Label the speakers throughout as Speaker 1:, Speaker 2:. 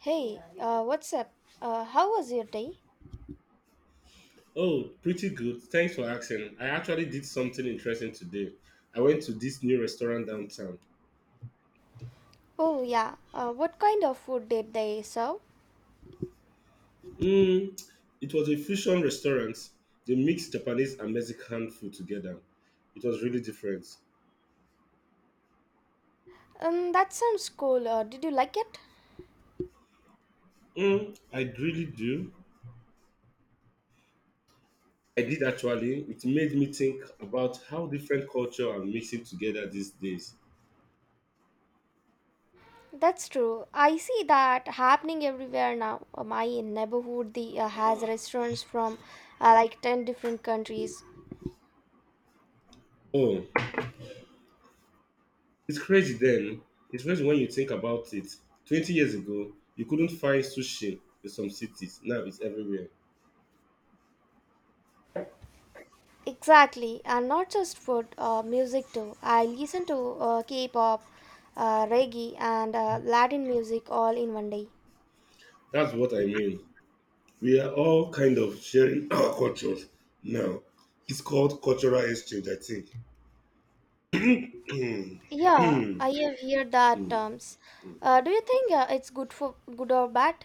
Speaker 1: Hey, what's up? How was your day?
Speaker 2: Oh, pretty good. Thanks for asking. I actually did something interesting today. I went to this new restaurant downtown.
Speaker 1: Oh, yeah. What kind of food did they serve?
Speaker 2: Mm, it was a fusion restaurant. They mixed Japanese and Mexican food together. It was really different.
Speaker 1: That sounds cool. Did you like it?
Speaker 2: Mm, I really do. I did actually. It made me think about how different culture are mixing together these days.
Speaker 1: That's true. I see that happening everywhere now. My neighborhood has restaurants from like 10 different countries.
Speaker 2: Oh, it's crazy then. It's crazy when you think about it. 20 years ago, you couldn't find sushi in some cities. Now it's everywhere.
Speaker 1: Exactly. And not just food, music too. I listen to K pop, reggae, and Latin music all in one day.
Speaker 2: That's what I mean. We are all kind of sharing our cultures now. It's called cultural exchange, I think.
Speaker 1: Yeah,
Speaker 2: Mm, mm,
Speaker 1: I have heard that
Speaker 2: mm,
Speaker 1: terms.
Speaker 2: mm.
Speaker 1: Do you think it's good for good or bad?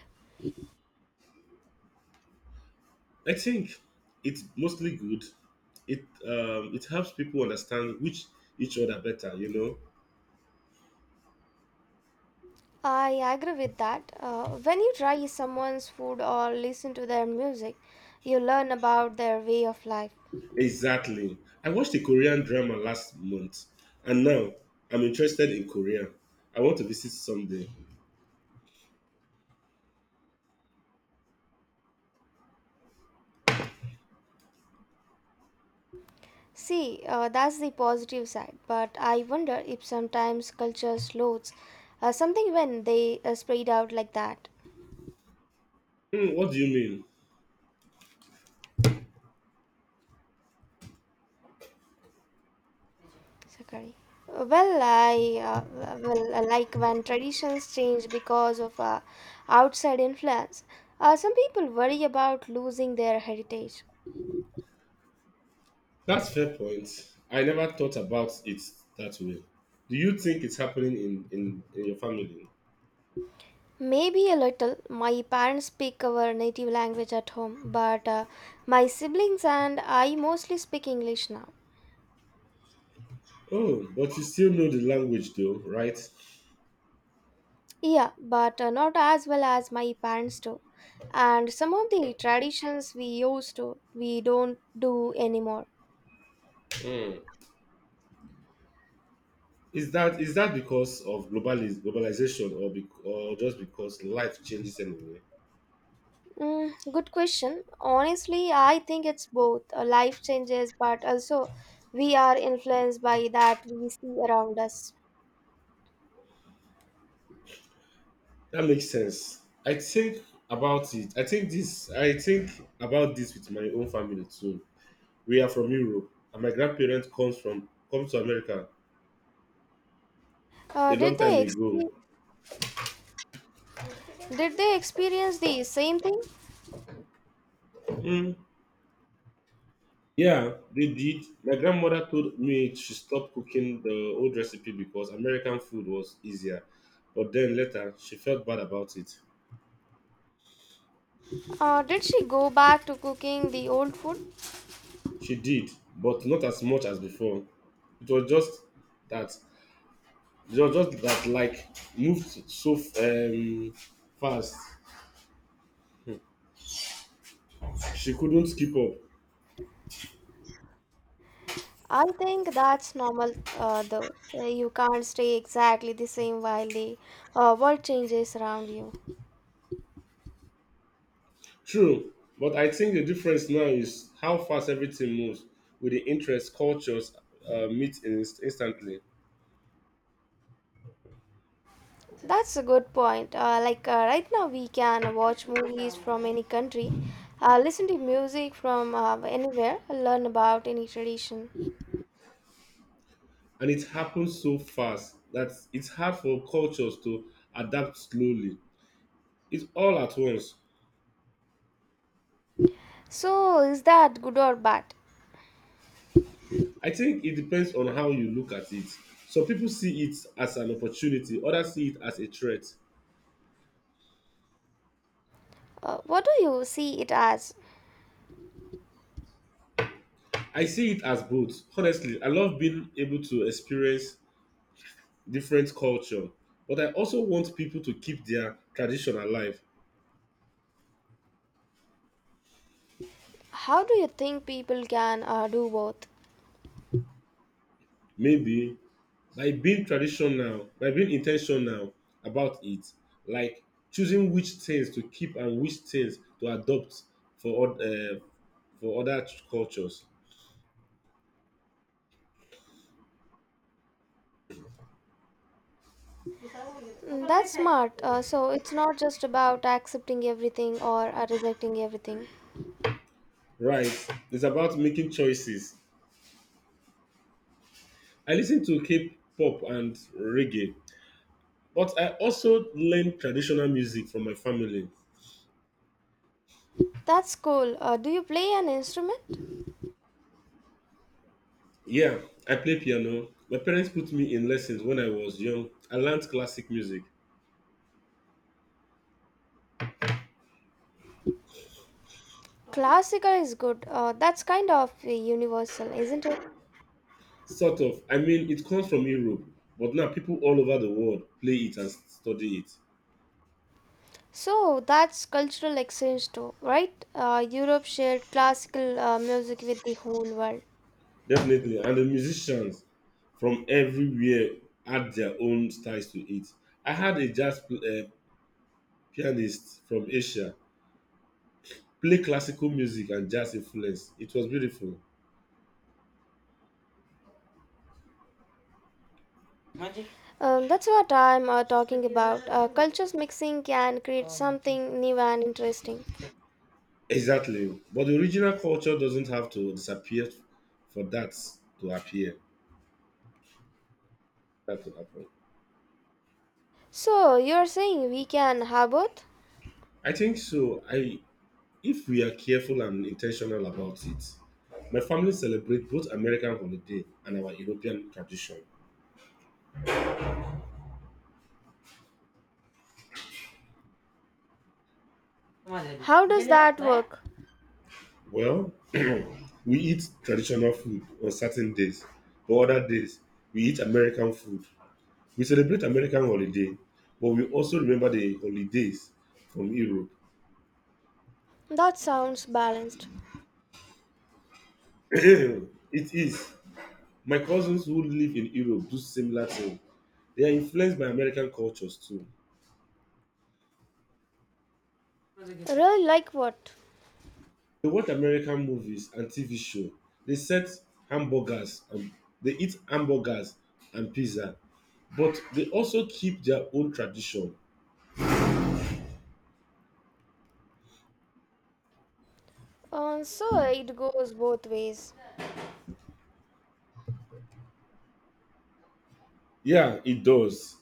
Speaker 2: I think it's mostly good. It it helps people understand which each other better. You know,
Speaker 1: I agree with that. When you try someone's food or listen to their music, you learn about their way of life.
Speaker 2: exactly. I watched a Korean drama last month, and now I'm interested in Korea. I want to visit someday.
Speaker 1: See, that's the positive side. But I wonder if sometimes culture slows something when they spread out like that.
Speaker 2: Mm, what do you mean?
Speaker 1: Sakari. Well, I uh, well, I like when traditions change because of outside influence. Some people worry about losing their heritage.
Speaker 2: That's fair point. I never thought about it that way. Do you think it's happening in your family?
Speaker 1: Maybe a little. My parents speak our native language at home, but my siblings and I mostly speak English now.
Speaker 2: Oh, but you still know the language though, right?
Speaker 1: Yeah, but not as well as my parents do. And some of the traditions we used to, we don't do anymore.
Speaker 2: Hmm. Is that because of globalization or just because life changes anyway?
Speaker 1: Mm, good question. Honestly, I think it's both. Life changes, but also we are influenced by that we see around us.
Speaker 2: That makes sense. I think about it. I think about this with my own family too. We are from Europe and my grandparents come to America
Speaker 1: Uh,
Speaker 2: a
Speaker 1: did
Speaker 2: long time
Speaker 1: they
Speaker 2: ago.
Speaker 1: expe- did they experience the same thing?
Speaker 2: Hmm. Yeah, they did. My grandmother told me she stopped cooking the old recipe because American food was easier. But then later, she felt bad about it.
Speaker 1: Did she go back to cooking the old food?
Speaker 2: She did, but not as much as before. It was just that, it was just that, like, moved so fast. She couldn't keep up.
Speaker 1: I think that's normal, though. You can't stay exactly the same while the world changes around you.
Speaker 2: True, but I think the difference now is how fast everything moves with the interest cultures meet instantly.
Speaker 1: That's a good point. Like right now, we can watch movies from any country, listen to music from anywhere, learn about any tradition.
Speaker 2: And it happens so fast that it's hard for cultures to adapt slowly. It's all at once.
Speaker 1: So, is that good or bad?
Speaker 2: I think it depends on how you look at it. Some people see it as an opportunity, others see it as a threat.
Speaker 1: What do you see it as?
Speaker 2: I see it as both. Honestly, I love being able to experience different culture, but I also want people to keep their tradition alive.
Speaker 1: How do you think people can do both?
Speaker 2: Maybe by being intentional about it, like choosing which things to keep and which things to adopt for oth- uh, for other cultures.
Speaker 1: Mm, that's smart. So, it's not just about accepting everything or rejecting everything.
Speaker 2: Right, it's about making choices. I listen to K-pop and reggae, but I also learn traditional music from my family.
Speaker 1: That's cool. Do you play an instrument?
Speaker 2: Yeah, I play piano. My parents put me in lessons when I was young. I learned classic music.
Speaker 1: Classical is good. That's kind of universal, isn't it?
Speaker 2: Sort of. I mean, it comes from Europe, but now people all over the world play it and study it.
Speaker 1: So that's cultural exchange too, right? Europe shared classical music with the whole world.
Speaker 2: Definitely. And the musicians from everywhere add their own styles to it. I had a pianist from Asia play classical music and jazz influence. It was beautiful.
Speaker 1: That's what I'm talking about. Cultures mixing can create something new and interesting.
Speaker 2: Exactly. But the original culture doesn't have to disappear for that to appear. that to happen.
Speaker 1: So you're saying we can have both?
Speaker 2: I think so. I If we are careful and intentional about it, my family celebrates both American holiday and our European tradition.
Speaker 1: How does that work?
Speaker 2: Well, we eat traditional food on certain days, but other days we eat American food. We celebrate American holiday, but we also remember the holidays from Europe.
Speaker 1: That sounds balanced.
Speaker 2: It is my cousins who live in Europe do similar thing. They are influenced by American cultures too.
Speaker 1: Really, like what?
Speaker 2: They watch American movies and TV show. They set hamburgers and they eat hamburgers and pizza, but they also keep their own tradition.
Speaker 1: So it goes both ways.
Speaker 2: Yeah, it does.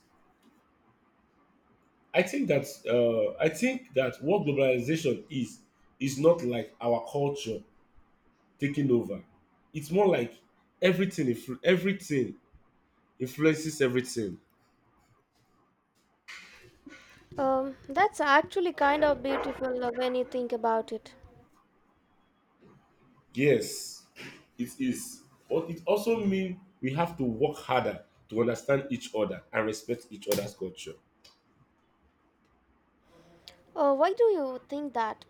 Speaker 2: I think that what globalization is not like our culture taking over. It's more like everything influences everything.
Speaker 1: That's actually kind of beautiful when you think about it.
Speaker 2: Yes, it is. But it also means we have to work harder to understand each other and respect each other's culture.
Speaker 1: Why do you think that?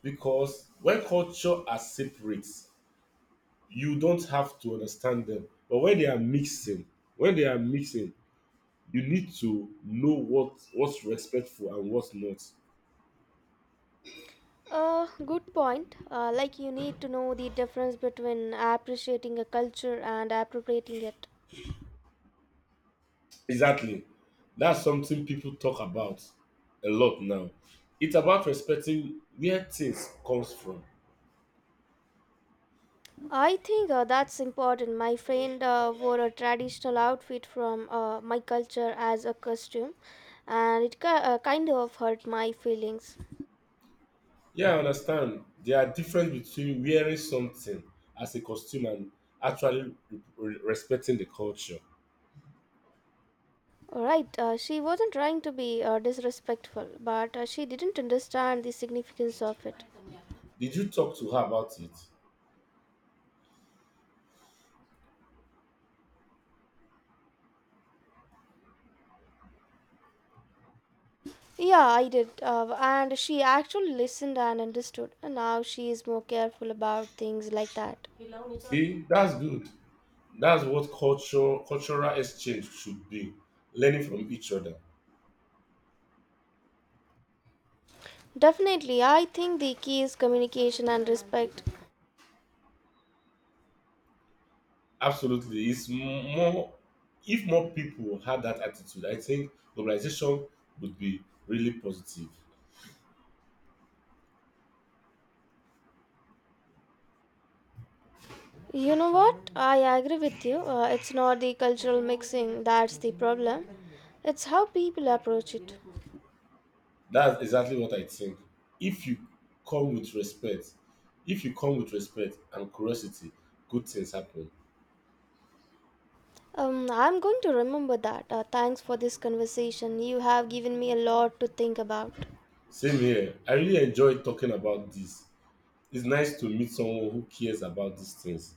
Speaker 2: Because when culture are separate, you don't have to understand them. But when they are mixing, when they are mixing, you need to know what's respectful and what's not.
Speaker 1: Good point. Like you need to know the difference between appreciating a culture and appropriating it.
Speaker 2: Exactly. That's something people talk about a lot now. It's about respecting where things comes from.
Speaker 1: I think that's important. My friend wore a traditional outfit from my culture as a costume, and it kind of hurt my feelings.
Speaker 2: Yeah, I understand. There are differences between wearing something as a costume and actually respecting the culture.
Speaker 1: Alright, she wasn't trying to be disrespectful, but she didn't understand the significance of it.
Speaker 2: Did you talk to her about it?
Speaker 1: Yeah, I did. And she actually listened and understood. And now she is more careful about things like that.
Speaker 2: See, that's good. That's what culture cultural exchange should be, learning from each other.
Speaker 1: Definitely, I think the key is communication and respect.
Speaker 2: Absolutely, more. If more people had that attitude, I think globalization would be really positive.
Speaker 1: You know what? I agree with you. It's not the cultural mixing that's the problem, it's how people approach it.
Speaker 2: That's exactly what I think. If you come with respect, If you come with respect and curiosity, good things happen.
Speaker 1: I'm going to remember that. Thanks for this conversation. You have given me a lot to think about.
Speaker 2: Same here. I really enjoy talking about this. It's nice to meet someone who cares about these things.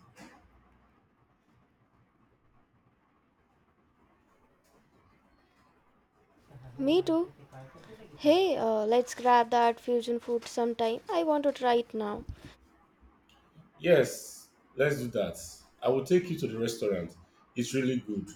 Speaker 1: Me too. Hey, let's grab that fusion food sometime. I want to try it right now.
Speaker 2: Yes, let's do that. I will take you to the restaurant. It's really good.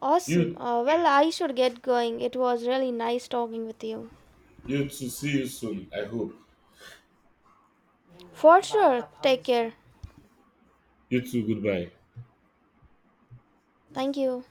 Speaker 1: Awesome.
Speaker 2: You
Speaker 1: Well, I should get going. It was really nice talking with you.
Speaker 2: you too. See you soon. I hope.
Speaker 1: For sure. Take care.
Speaker 2: You too. Goodbye.
Speaker 1: Thank you.